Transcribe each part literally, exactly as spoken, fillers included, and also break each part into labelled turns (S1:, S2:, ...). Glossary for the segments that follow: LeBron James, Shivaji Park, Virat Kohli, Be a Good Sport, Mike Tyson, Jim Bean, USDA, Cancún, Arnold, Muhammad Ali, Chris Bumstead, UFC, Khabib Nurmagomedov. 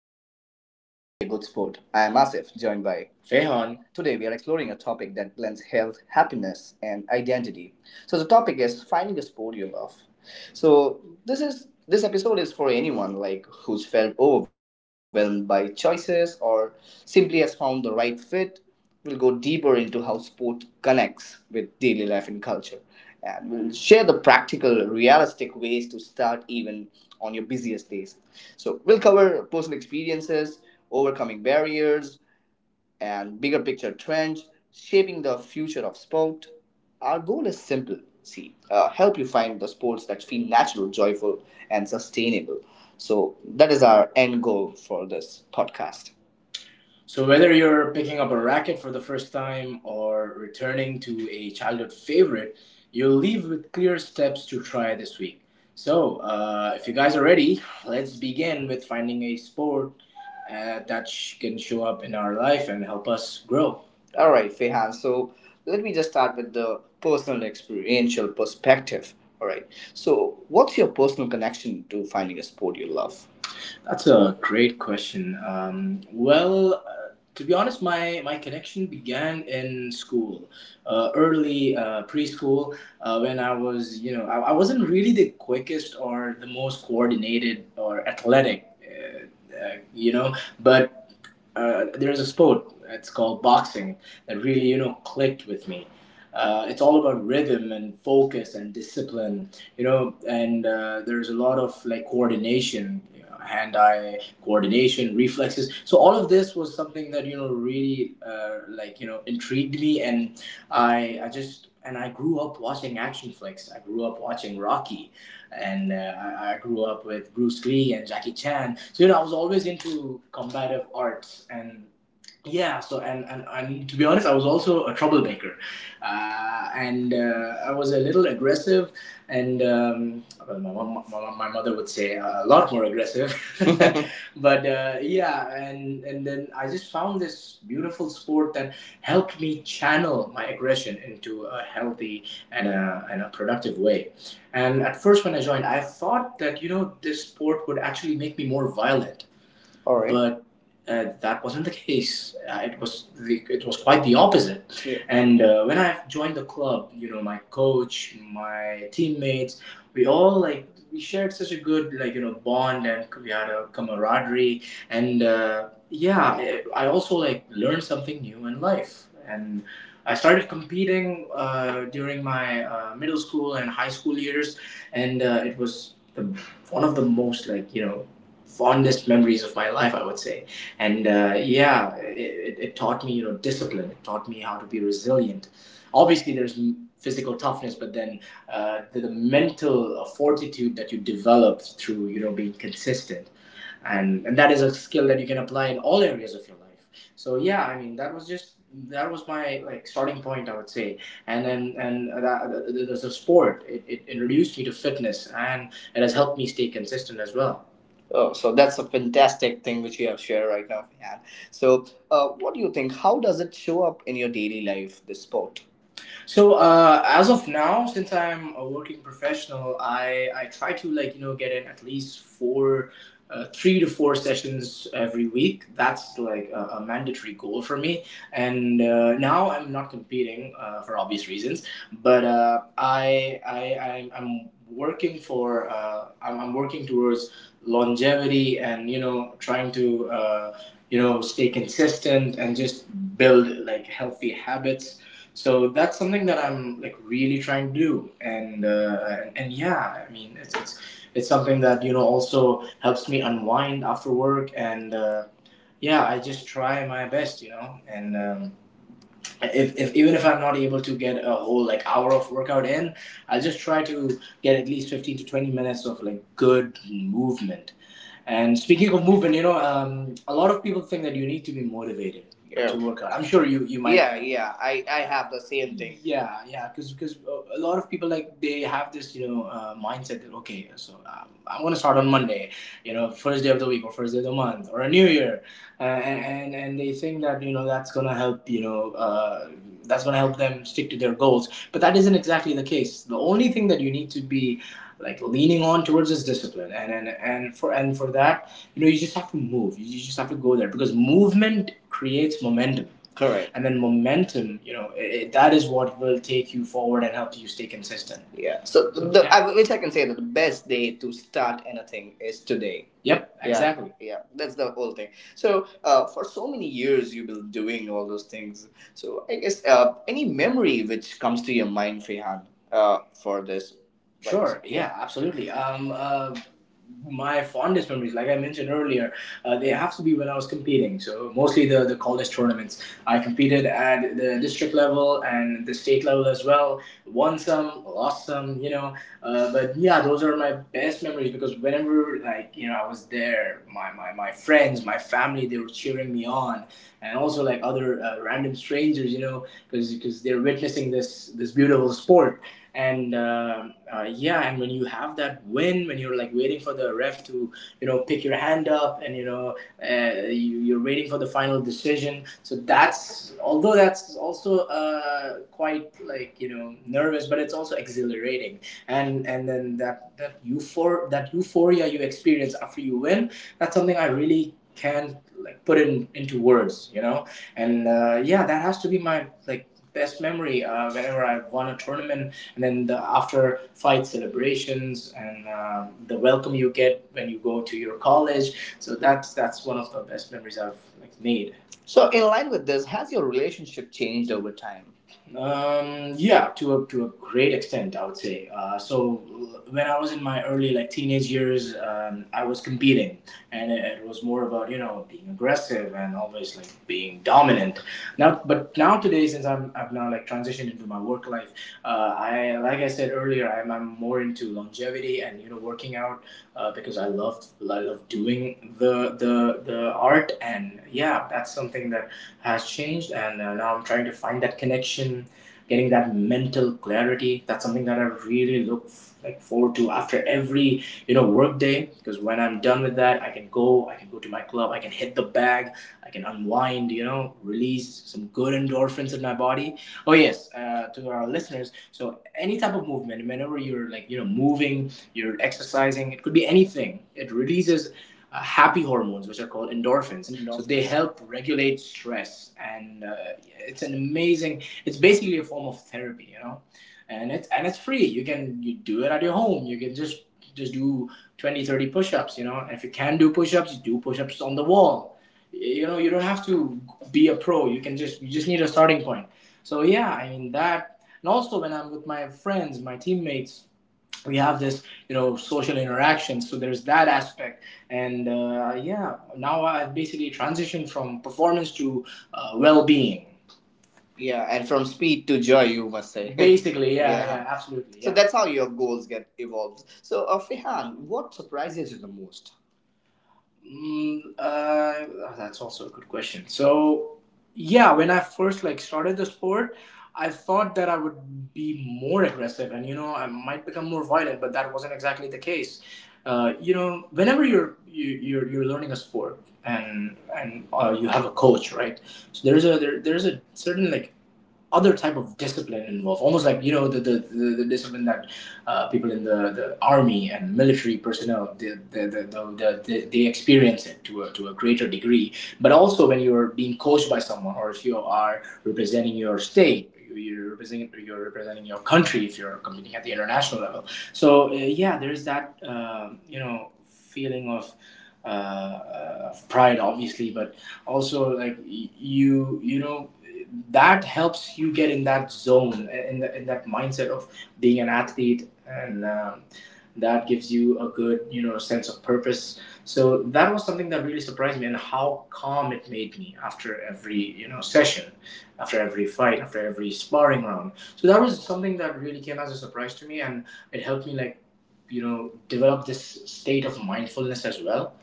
S1: Welcome to Be a Good Sport. I am Asif, joined by Fehan. Today we are exploring a topic that blends health, happiness, and identity. So the topic is finding a sport you love. So this is this episode is for anyone like who's felt overwhelmed by choices or simply has found the right fit. We'll go deeper into how sport connects with daily life and culture. And we'll share the practical, realistic ways to start even on your busiest days. So, we'll cover personal experiences, overcoming barriers, and bigger picture trends shaping the future of sport. Our goal is simple, see, uh, help you find the sports that feel natural, joyful, and sustainable. So, that is our end goal for this podcast. So whether you're picking up a racket for the first time or returning to a childhood favorite, you'll leave with clear steps to try this week. So uh, if you guys are ready, let's begin with finding a sport uh, that sh- can show up in our life and help us grow. All right, Fehan. So let me just start with the personal experiential perspective. All right. So, what's your personal connection to finding a sport you love? That's a great question. Um, well, uh, to be honest, my, my connection began in school, uh, early uh, preschool, uh, when I was, you know, I, I wasn't really the quickest or the most coordinated or athletic, uh, uh, you know, but uh, there's a sport, it's called boxing, that really, you know, clicked with me. Uh, it's all about rhythm and focus and discipline, you know, and uh, there's a lot of like coordination, you know, hand-eye coordination, reflexes. So all of this was something that you know really uh, like you know intrigued me, and I I just and I grew up watching action flicks. I grew up watching Rocky, and uh, I, I grew up with Bruce Lee and Jackie Chan. So you know I was always into combative arts. And yeah so and, and and to be honest, I was also a troublemaker, uh, and uh, I was a little aggressive, and um, well, my mom, my mother would say a lot more aggressive. but uh, yeah, and and then I just found this beautiful sport that helped me channel my aggression into a healthy and a, and a productive way. And at first when I joined, I thought that you know this sport would actually make me more violent. All right. But uh, that wasn't the case. Uh, it was the, it was quite the opposite. Yeah. And uh, when I joined the club, you know, my coach, my teammates, we all like we shared such a good like you know bond, and we had a camaraderie. And uh, yeah, I, I also like learned something new in life. And I started competing uh, during my uh, middle school and high school years, and uh, it was the, one of the most like you know fondest memories of my life, I would say. And uh, yeah, it, it taught me, you know, discipline. It taught me how to be resilient. Obviously, there's physical toughness, but then uh, the, the mental uh, fortitude that you develop through, you know, being consistent. And, and that is a skill that you can apply in all areas of your life. So yeah, I mean, that was just that was my like starting point, I would say. And then and that, the, the, the sport, it, it introduced me to fitness, and it has helped me stay consistent as well. Oh, so that's a fantastic thing which you have shared right now, Fihan. So, uh, what do you think? How does it show up in your daily life, this sport? So uh, as of now, since I'm a working professional, I I try to like you know get in at least four, uh, three to four sessions every week. That's like a, a mandatory goal for me. And uh, now I'm not competing uh, for obvious reasons, but uh, I I I'm. I'm working for uh, I'm, I'm working towards longevity, and you know trying to uh, you know stay consistent and just build like healthy habits. So that's something that I'm like really trying to do, and uh, and, and yeah, I mean it's, it's it's something that you know also helps me unwind after work, and uh, yeah, I just try my best, you know, and um, if, if even if I'm not able to get a whole like hour of workout in, I just try to get at least fifteen to twenty minutes of like good movement. And speaking of movement, you know, um, a lot of people think that you need to be motivated. Yeah. To work out. I'm sure you you might. Yeah, yeah. I, I have the same thing. Yeah, yeah, because because a lot of people like they have this you know uh, mindset that okay, so um, I'm gonna start on Monday, you know, first day of the week or first day of the month or a new year, uh, and and- and they think that you know that's gonna help you know uh, that's gonna help them stick to their goals, but that isn't exactly the case. The only thing that you need to be like leaning on towards this discipline, and and, and for and for that, you know you just have to move, you just have to go there, because movement creates momentum. Correct. And then momentum, you know it, that is what will take you forward and help you stay consistent. Yeah. So, So, the, yeah. I, which I can say that the best day to start anything is today. Yep. Yeah. Exactly. Yeah, that's the whole thing. So, uh, for so many years, you've been doing all those things. So, I guess uh, any memory which comes to your mind, Fehan, uh, for this. Right. Sure. Yeah. Absolutely. Um, uh, my fondest memories, like I mentioned earlier, uh, they have to be when I was competing. So mostly the the college tournaments. I competed at the district level and the state level as well. Won some, lost some. You know. Uh, but yeah, those are my best memories because whenever like you know I was there, my my, my friends, my family, they were cheering me on, and also like other uh, random strangers. You know, because because they're witnessing this this beautiful sport. And um uh, yeah, and when you have that win, when you're like waiting for the ref to you know pick your hand up, and you know uh, you, you're waiting for the final decision, so that's although that's also uh, quite like you know nervous, but it's also exhilarating. And and then that that euphor that euphoria you experience after you win, that's something I really can't like put in into words, you know. And uh, yeah, that has to be my like best memory uh, whenever I won a tournament, and then the after fight celebrations and uh, the welcome you get when you go to your college. So that's that's one of the best memories I've like made. So, in line with this, has your relationship changed over time? Um, yeah, to a to a great extent, I would say. Uh, so when I was in my early like teenage years, um, I was competing, and it, it was more about you know being aggressive and always like being dominant. Now, but now today, since I'm I've now like transitioned into my work life, uh, I, like I said earlier, I'm, I'm more into longevity and you know working out uh, because I love I love doing the the the art. And yeah, that's something that has changed, and uh, now I'm trying to find that connection. Getting that mental clarity, that's something that I really look f- like forward to after every you know work day. Because when I'm done with that, I can go, I can go to my club, I can hit the bag, I can unwind, you know, release some good endorphins in my body. Oh yes, uh, to our listeners. So any type of movement, whenever you're like you know moving, you're exercising, it could be anything. It releases uh, happy hormones, which are called endorphins. So they help regulate stress, and uh, it's an amazing. It's basically a form of therapy, you know, and it's and it's free. You can you do it at your home. You can just just do twenty, thirty push-ups. You know, if you can do push-ups, you do push-ups on the wall. You know, you don't have to be a pro, you can just you just need a starting point. So yeah, I mean that, and also when I'm with my friends, my teammates, we have this you know social interaction. So there's that aspect, and uh, yeah, now I've basically transitioned from performance to uh, well-being. Yeah, and from speed to joy, you must say. Basically, yeah, yeah, yeah, absolutely. So. Yeah. That's how your goals get evolved. So, uh, Fihan, what surprises you the most? Mm, uh, oh, that's also a good question. So, yeah, when I first like started the sport, I thought that I would be more aggressive and you know I might become more violent, but that wasn't exactly the case. Uh, you know, whenever you're you, you're you're learning a sport, and and uh, you have a coach, right? So there's a there, there's a certain like other type of discipline involved, almost like you know the the, the, the discipline that uh, people in the, the army and military personnel they, they, they, they- they experience it to a, to a greater degree. But also when you're being coached by someone, or if you are representing your state, you're representing you're representing your country if you're competing at the international level. So uh, yeah, there's that um you know feeling of. Uh, uh, of pride, obviously, but also like y- you you know that helps you get in that zone, in, the, in that mindset of being an athlete. And um, that gives you a good you know sense of purpose. So that was something that really surprised me, and how calm it made me after every you know session, after every fight, after every sparring round. So that was something that really came as a surprise to me, and it helped me like you know develop this state of mindfulness as well,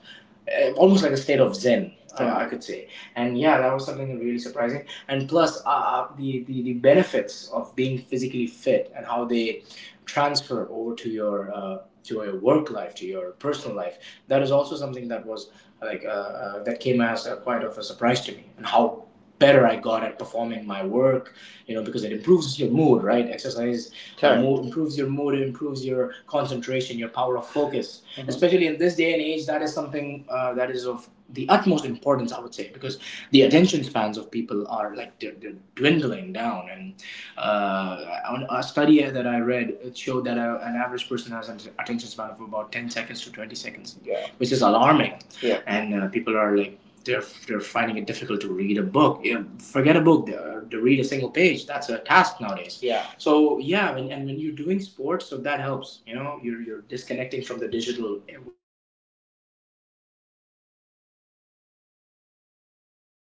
S1: uh, almost like a state of zen. Uh, I could say. And yeah, that was something really surprising. And plus, uh, uh, the, the the benefits of being physically fit, and how they transfer over to your uh, to your work life, to your personal life. That is also something that was like uh, uh, that came as a, quite of a surprise to me, and how better I got at performing my work. You know, because it improves your mood, right? Exercise uh, mood, improves your mood, it improves your concentration, your power of focus. Mm-hmm. Especially in this day and age, that is something uh, that is of the utmost importance, I would say, because the attention spans of people are like they're, they're dwindling down. And uh, on a study that I read, it showed that a, an average person has an attention span of about ten seconds to twenty seconds. Yeah. Which is alarming. Yeah. And uh, people are like they're they're finding it difficult to read a book. You know, forget a book, uh, to read a single page, that's a task nowadays. Yeah. So yeah, when, and when you're doing sports, so that helps. You know, you're, you're disconnecting from the digital eh, world. You, you, you're away from your laptops, your computers, your screens. You know.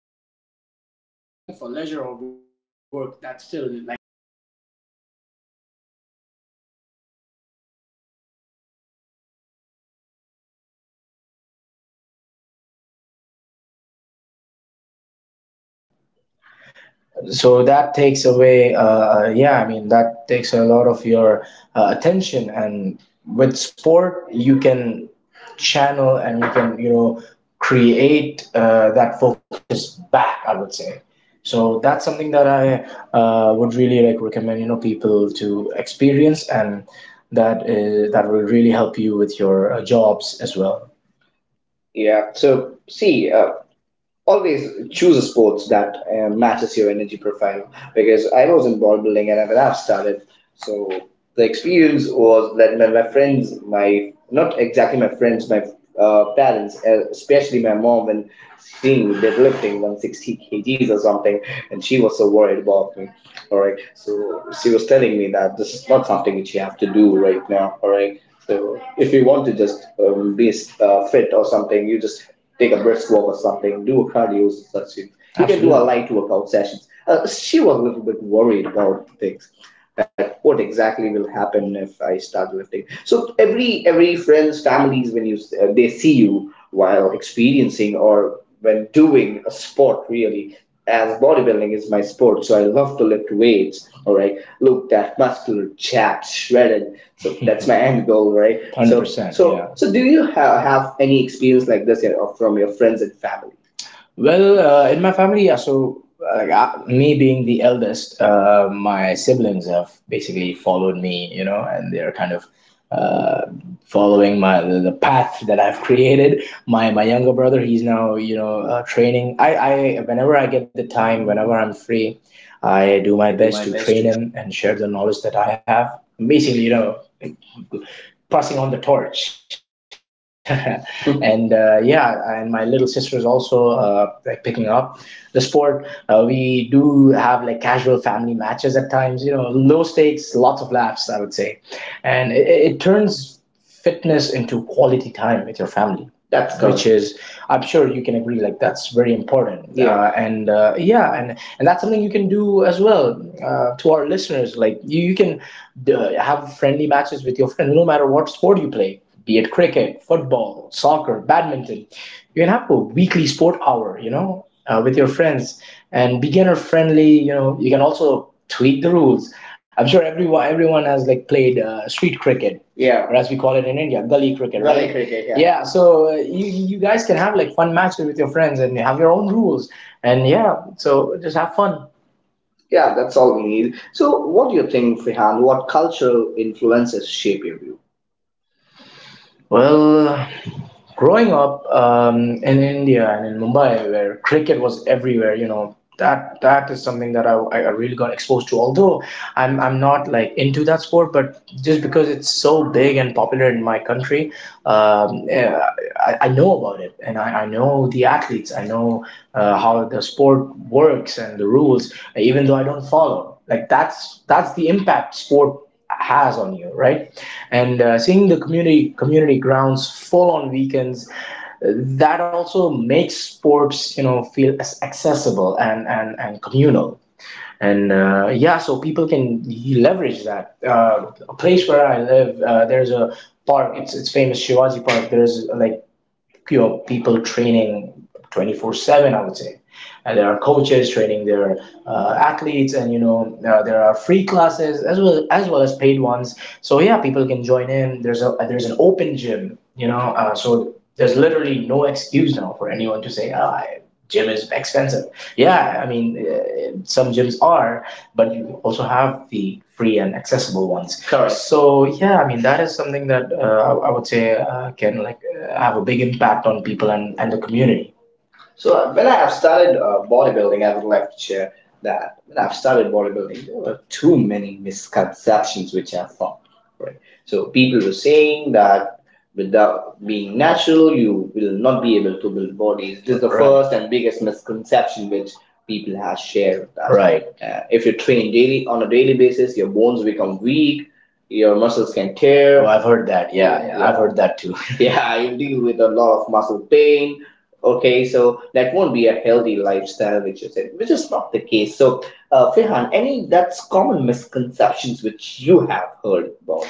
S2: So that takes away uh, yeah i mean that takes a lot of your uh, attention. And with sport you can channel and you can you know create uh, that focus back, I would say. So that's something that i uh, would really like recommend you know people to experience, and that is, that will really help you with your uh, jobs as well. Yeah. So see, uh, always choose a sports that uh, matches your energy profile, because I was in ball building, and when I've started, so the experience was that my, my friends, my, not exactly my friends, my uh, parents, uh, especially my mom, when seeing me deadlifting one hundred sixty kgs or something, and she was so worried about me. All right, so she was telling me that this is not something which you have to do right now. All right, so if you want to just um, be uh, fit or something, you just take a brisk walk or something, do a cardio and such. You can do a, absolutely, light workout sessions. Uh, she was a little bit worried about things, that what exactly will happen if I start lifting. So every every friends, families, when you uh, they see you while experiencing or when doing a sport, really, as bodybuilding is my sport, so I love to lift weights. All right, look that muscular chap, shredded, so that's my end goal, right? One hundred percent. So, one hundred percent, so, yeah. So do you have, have any experience like this, you know, from your friends and family? Well, uh, in my family, yeah, so uh, like I, me being the eldest, uh, my siblings have basically followed me, you know, and they're kind of uh, following my the, the path that I've created. My my younger brother, he's now you know uh, training. I, I whenever I get the time, whenever I'm free, I do my best to train him and share the knowledge that I have. Basically, you know, passing on the torch. Mm-hmm. And uh, yeah, and my little sister is also uh, like picking up the sport. Uh, we do have like casual family matches at times, you know, low stakes, lots of laughs, I would say. And it, it turns fitness into quality time with your family. That's good, which is, I'm sure you can agree, like that's very important. Yeah. uh, and uh, yeah, and and that's something you can do as well. Uh, to our listeners, like you, you can have friendly matches with your friends, no matter what sport you play, be it cricket, football, soccer, badminton. You can have a weekly sport hour, you know, uh, with your friends and beginner friendly. You know, you can also tweak the rules. I'm sure everyone everyone has like played uh, street cricket, yeah, or as we call it in India, gully cricket. Gully right? Cricket, yeah. Yeah so uh, you you guys can have like fun matches with your friends and have your own rules. And yeah, so just have fun. Yeah, that's all we need. So, what do you think, Fihan? What cultural influences shape your view? Well, growing up um, in India and in Mumbai, where cricket was everywhere, you know, that that is something that I, I really got exposed to. Although I'm I'm not like into that sport, but just because it's so big and popular in my country, um, eh, I, I know about it, and I, I know the athletes, I know uh, how the sport works and the rules, even though I don't follow. Like that's that's the impact sport has on you, right? And uh, seeing the community community grounds full on weekends, uh, that also makes sports, you know, feel as accessible and and, and communal. And uh, yeah, so people can leverage that. Uh, a place where I live, uh, there's a park, it's it's famous Shivaji Park, there's like pure people training twenty-four seven, I would say. And there are coaches training their uh, athletes, and you know uh, there are free classes as well as well as paid ones. So yeah, people can join in. There's a there's an open gym, you know. Uh, so there's literally no excuse now for anyone to say, ah, gym is expensive. Yeah, I mean, uh, some gyms are, but you also have the free and accessible ones. Correct. So yeah, I mean that is something that uh, I I would say uh, can like uh, have a big impact on people and, and the community. So uh, when I have started uh, bodybuilding, I would like to share that when I've started bodybuilding, there were too many misconceptions which I found. Right. So people were saying that without being natural, you will not be able to build bodies. This is the, right, first and biggest misconception which people have shared with us. Right. Uh, if you train daily on a daily basis, your bones become weak, your muscles can tear. Oh, I've heard that. Yeah, yeah, I've, yeah, heard that too. Yeah, you deal with a lot of muscle pain. Okay, so that won't be a healthy lifestyle, which is it, which is not the case. So, uh, Fihan, any, that's common misconceptions which you have heard about?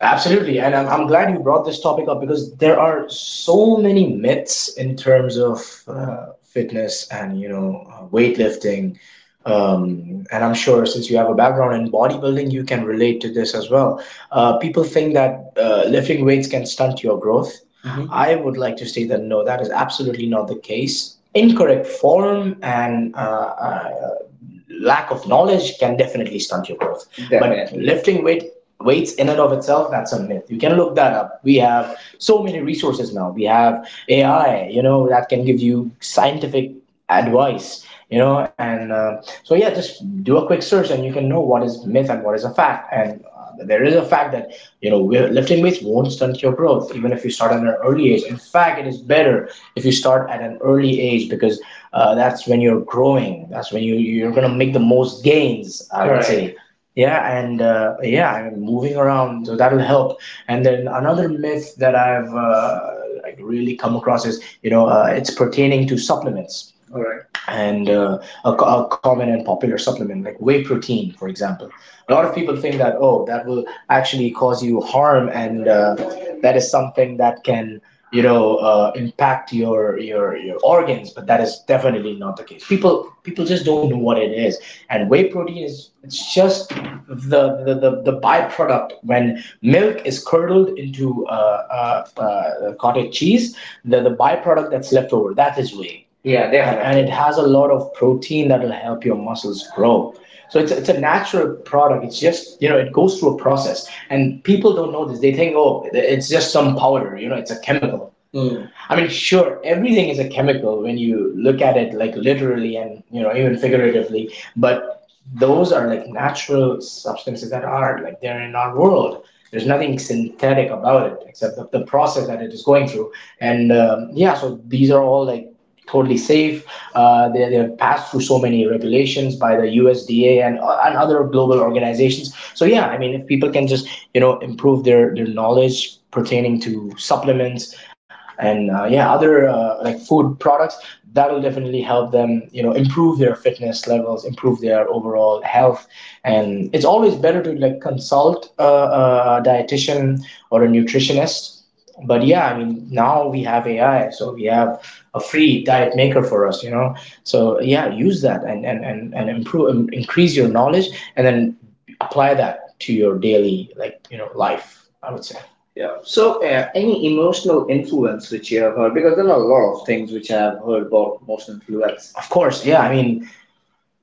S2: Absolutely, and I'm, I'm glad you brought this topic up, because there are so many myths in terms of uh, fitness and you know uh, weightlifting, um, and I'm sure since you have a background in bodybuilding, you can relate to this as well. Uh, people think that uh, lifting weights can stunt your growth. Mhm. I would like to say that no, that is absolutely not the case. Incorrect form and uh, uh, lack of knowledge can definitely stunt your growth. Definitely. But lifting weight weights in and of itself, that's a myth. You can look that up. We have so many resources now. We have A I, you know, that can give you scientific advice, you know, and uh, so yeah, just do a quick search and you can know what is myth and what is a fact. And uh, there is a fact that you know we- lifting weights won't stunt your growth even if you start at an early age. In fact, it is better if you start at an early age because uh, that's when you're growing. That's when you you're gonna make the most gains, I would, correct, say. Yeah, and uh, yeah, I'm moving around, so that'll help. And then another myth that I've uh, like really come across is, you know, uh, it's pertaining to supplements, and uh, a, co- a common and popular supplement like whey protein, for example. A lot of people think that, oh, that will actually cause you harm, and uh, that is something that can you know uh, impact your, your your organs, but that is definitely not the case. People people just don't know what it is. And whey protein is, it's just the the, the, the byproduct, when milk is curdled into uh, uh, uh, cottage cheese, the, the byproduct that's left over, that is whey. Yeah, and, definitely. And definitely. It has a lot of protein that will help your muscles grow. So it's, it's a natural product. It's just, you know, it goes through a process, and people don't know this. They think, oh, it's just some powder, you know, it's a chemical. Mm. I mean, sure, everything is a chemical when you look at it, like, literally, and, you know, even figuratively. But those are like natural substances that are like they're in our world. There's nothing synthetic about it, except the, the process that it is going through. And um, yeah, so these are all like totally safe. Uh, they, they have passed through so many regulations by the U S D A and, uh, and other global organizations. So yeah, I mean, if people can just, you know, improve their, their knowledge pertaining to supplements, and uh, yeah, other uh, like food products, that'll definitely help them, you know, improve their fitness levels, improve their overall health. And it's always better to like consult a, a dietitian or a nutritionist. But yeah, I mean, now we have A I, so we have a free diet maker for us, you know. So yeah, use that and and and, and improve, um, increase your knowledge, and then apply that to your daily, like, you know, life, I would say. Yeah. So, uh, any emotional influence which you have heard? Because there are a lot of things which I have heard about emotional influence. Of course, yeah. I mean,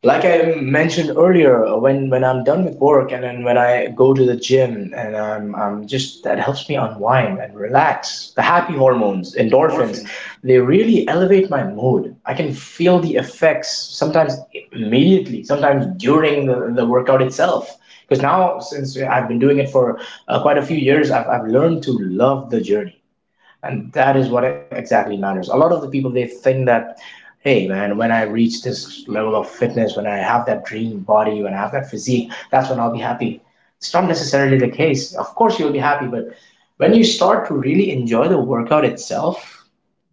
S2: like I mentioned earlier, uh, when when I'm done with work and then when I go to the gym, and I'm I'm just, that helps me unwind and relax. The happy hormones, endorphins, they really elevate my mood. I can feel the effects sometimes immediately, sometimes during the, the workout itself. Because now, since I've been doing it for uh, quite a few years, I've, I've learned to love the journey, and that is what exactly matters. A lot of the people, they think that, hey man, when I reach this level of fitness, when I have that dream body, when I have that physique, that's when I'll be happy. It's not necessarily the case. Of course you'll be happy, but when you start to really enjoy the workout itself,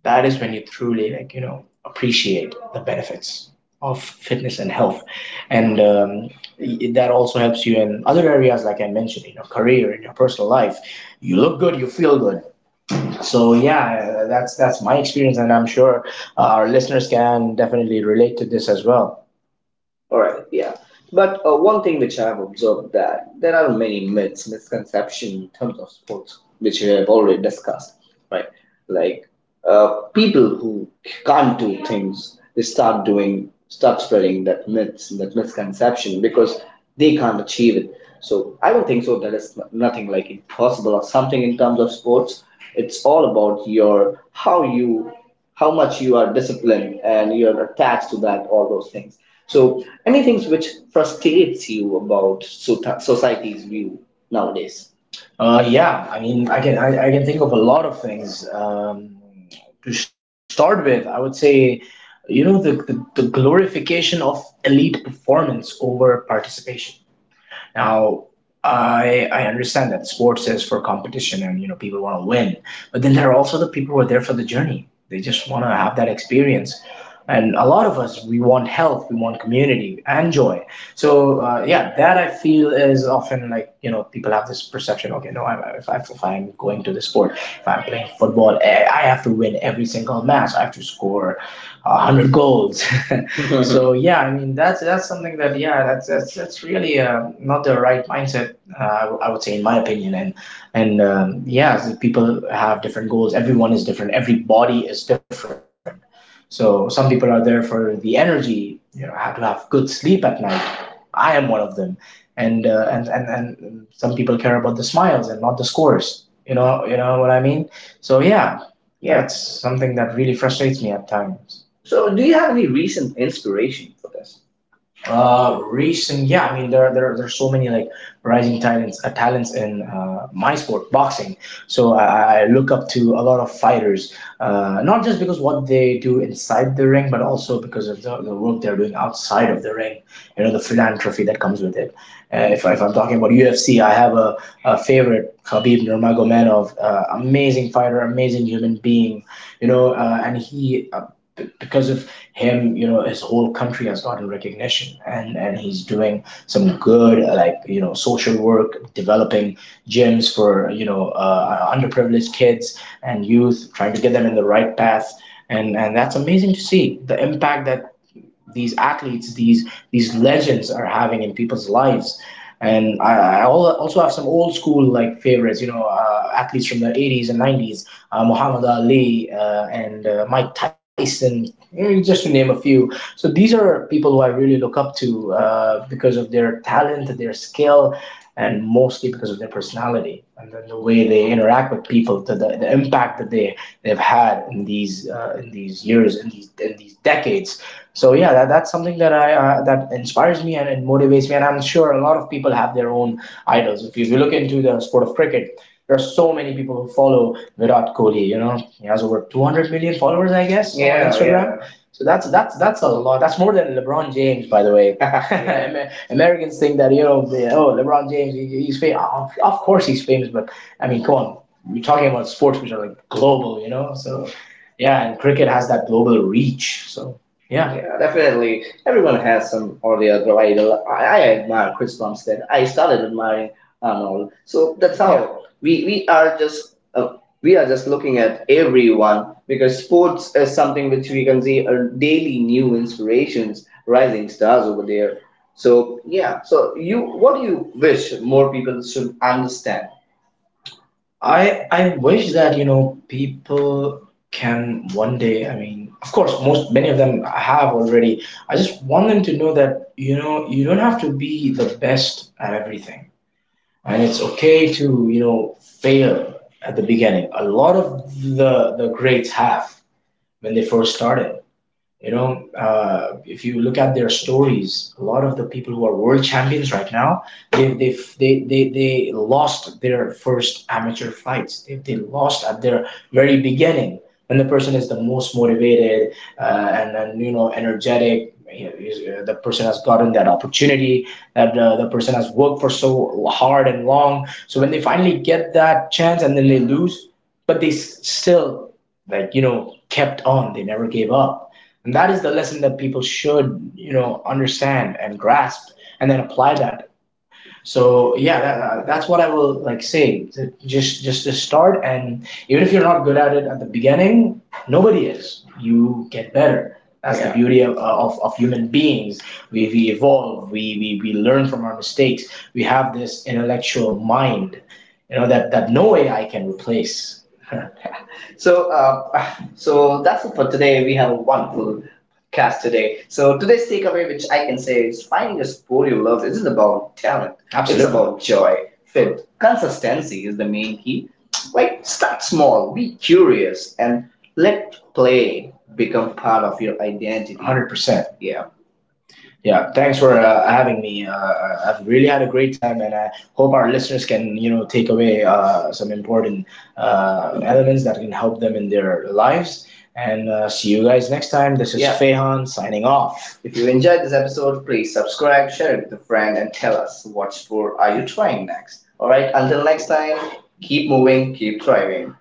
S2: that is when you truly, like you know appreciate the benefits of fitness and health. And um, y- that also helps you in other areas, like I mentioned, in your career, in your personal life. You look good, you feel good. So yeah, that's that's my experience, and I'm sure uh, our listeners can definitely relate to this as well. All right, yeah. But uh, one thing which I've observed, that there are many myths, misconceptions in terms of sports, which we have already discussed, right? Like uh, people who can't do things, they start doing, start spreading that myths, that misconception because they can't achieve it. So I don't think so. There is n- nothing like impossible or something in terms of sports. It's all about your how you, how much you are disciplined and you are attached to that, all those things. So, any things which frustrates you about sota- society's view nowadays? Uh, yeah, I mean, I can I, I can think of a lot of things. Um, to start with, I would say, you know, the, the, the glorification of elite performance over participation. Now, I I understand that sports is for competition and you know people want to win, but then there are also the people who are there for the journey. They just want to have that experience. And a lot of us, we want health, we want community and joy. So uh, yeah, that I feel is often, like you know, people have this perception. Okay, no, I, if I if I'm going to the sport, if I'm playing football, I I have to win every single match. I have to score uh, hundred goals. So yeah, I mean, that's that's something that, yeah, that's that's that's really uh, not the right mindset. Uh, I w- I would say, in my opinion, and and um, yeah, so people have different goals. Everyone is different. Every body is different. So some people are there for the energy, you know, have to have good sleep at night. I am one of them, and uh, and and and some people care about the smiles and not the scores. You know, you know what I mean. So yeah, yeah, it's something that really frustrates me at times. So, do you have any recent inspiration for this? Uh, recent, yeah. I mean, there, there, there are so many like rising talents, uh, talents in uh, my sport, boxing. So I, I look up to a lot of fighters, uh, not just because what they do inside the ring, but also because of the, the work they're doing outside of the ring. You know, the philanthropy that comes with it. Uh, if, if I'm talking about U F C, I have a, a favorite, Khabib Nurmagomedov, uh, amazing fighter, amazing human being, you know, uh, and he. Uh, b- because of him, you know, his whole country has gotten recognition, and and he's doing some good, uh, like you know, social work, developing gyms for you know uh, underprivileged kids and youth, trying to get them in the right path, and and that's amazing to see the impact that these athletes, these these legends are having in people's lives. And I, I al- also have some old school like favorites, you know, uh, athletes from the eighties and nineties, uh, Muhammad Ali uh, and uh, Mike Tyson, mm, just to name a few. So these are people who I really look up to uh, because of their talent, their skill, and mostly because of their personality and then the way they interact with people, to the, the impact that they they've had in these uh, in these years, in these, in these decades. So yeah, that, that's something that I uh, that inspires me and it motivates me, and I'm sure a lot of people have their own idols. If you, if you look into the sport of cricket, there are so many people who follow Virat Kohli. You know, he has over two hundred million followers, I guess, on, yeah, Instagram, yeah. So that's that's that's a lot. That's more than LeBron James, by the way. Yeah. Amer- Americans think that, you know, they, oh, LeBron James, he, he's famous. Of of course, he's famous, but I mean, come on, we're talking about sports which are like global, you know. So yeah, and cricket has that global reach. So yeah. Yeah, definitely. Everyone has some or the other idol. I, I admire Chris Bumstead. I started admiring Arnold. So that's, yeah, how we, we are just uh, we are just looking at everyone, because sports is something which we can see are daily new inspirations, rising stars over there. So yeah. So you, what do you wish more people should understand? I I wish that, you know, people can one day. I mean, of course, most, many of them have already. I just want them to know that, you know, you don't have to be the best at everything, and it's okay to, you know, fail at the beginning. A lot of the the greats have when they first started, you know, uh, if you look at their stories, a lot of the people who are world champions right now, they they they they, they lost their first amateur fights. They, they lost at their very beginning, when the person is the most motivated uh, and and you know energetic. You know, is- uh, the person has gotten that opportunity that, uh, the person has worked for so hard and long. So when they finally get that chance and then they lose, but they s- still, like you know, kept on. They never gave up, and that is the lesson that people should, you know, understand and grasp and then apply that. So yeah, that, uh, that's what I will like say. Just just to start, and even if you're not good at it at the beginning, nobody is. You get better. That's, yeah, the, yeah, beauty of, uh, of, of human beings. We, we evolve, we, we, we learn from our mistakes. We have this intellectual mind, you know, that, that no A I can replace. So, uh, so that's it for today. We have a wonderful cast today. So today's takeaway, which I can say, is finding a sport you love isn't about talent. It's, absolutely, about joy, fit, consistency is the main key. Like start small, be curious, and let play become part of your identity. one hundred percent. Yeah. Yeah, thanks for uh, having me. Uh, I- I've really had a great time, and I hope our listeners can, you know, take away uh, some important uh, elements that can help them in their lives. And uh, see you guys next time. This is, yeah, Fehan signing off. If you enjoyed this episode, please subscribe, share it with a friend, and tell us what sport are you trying next. Alright, until next time, keep moving, keep thriving.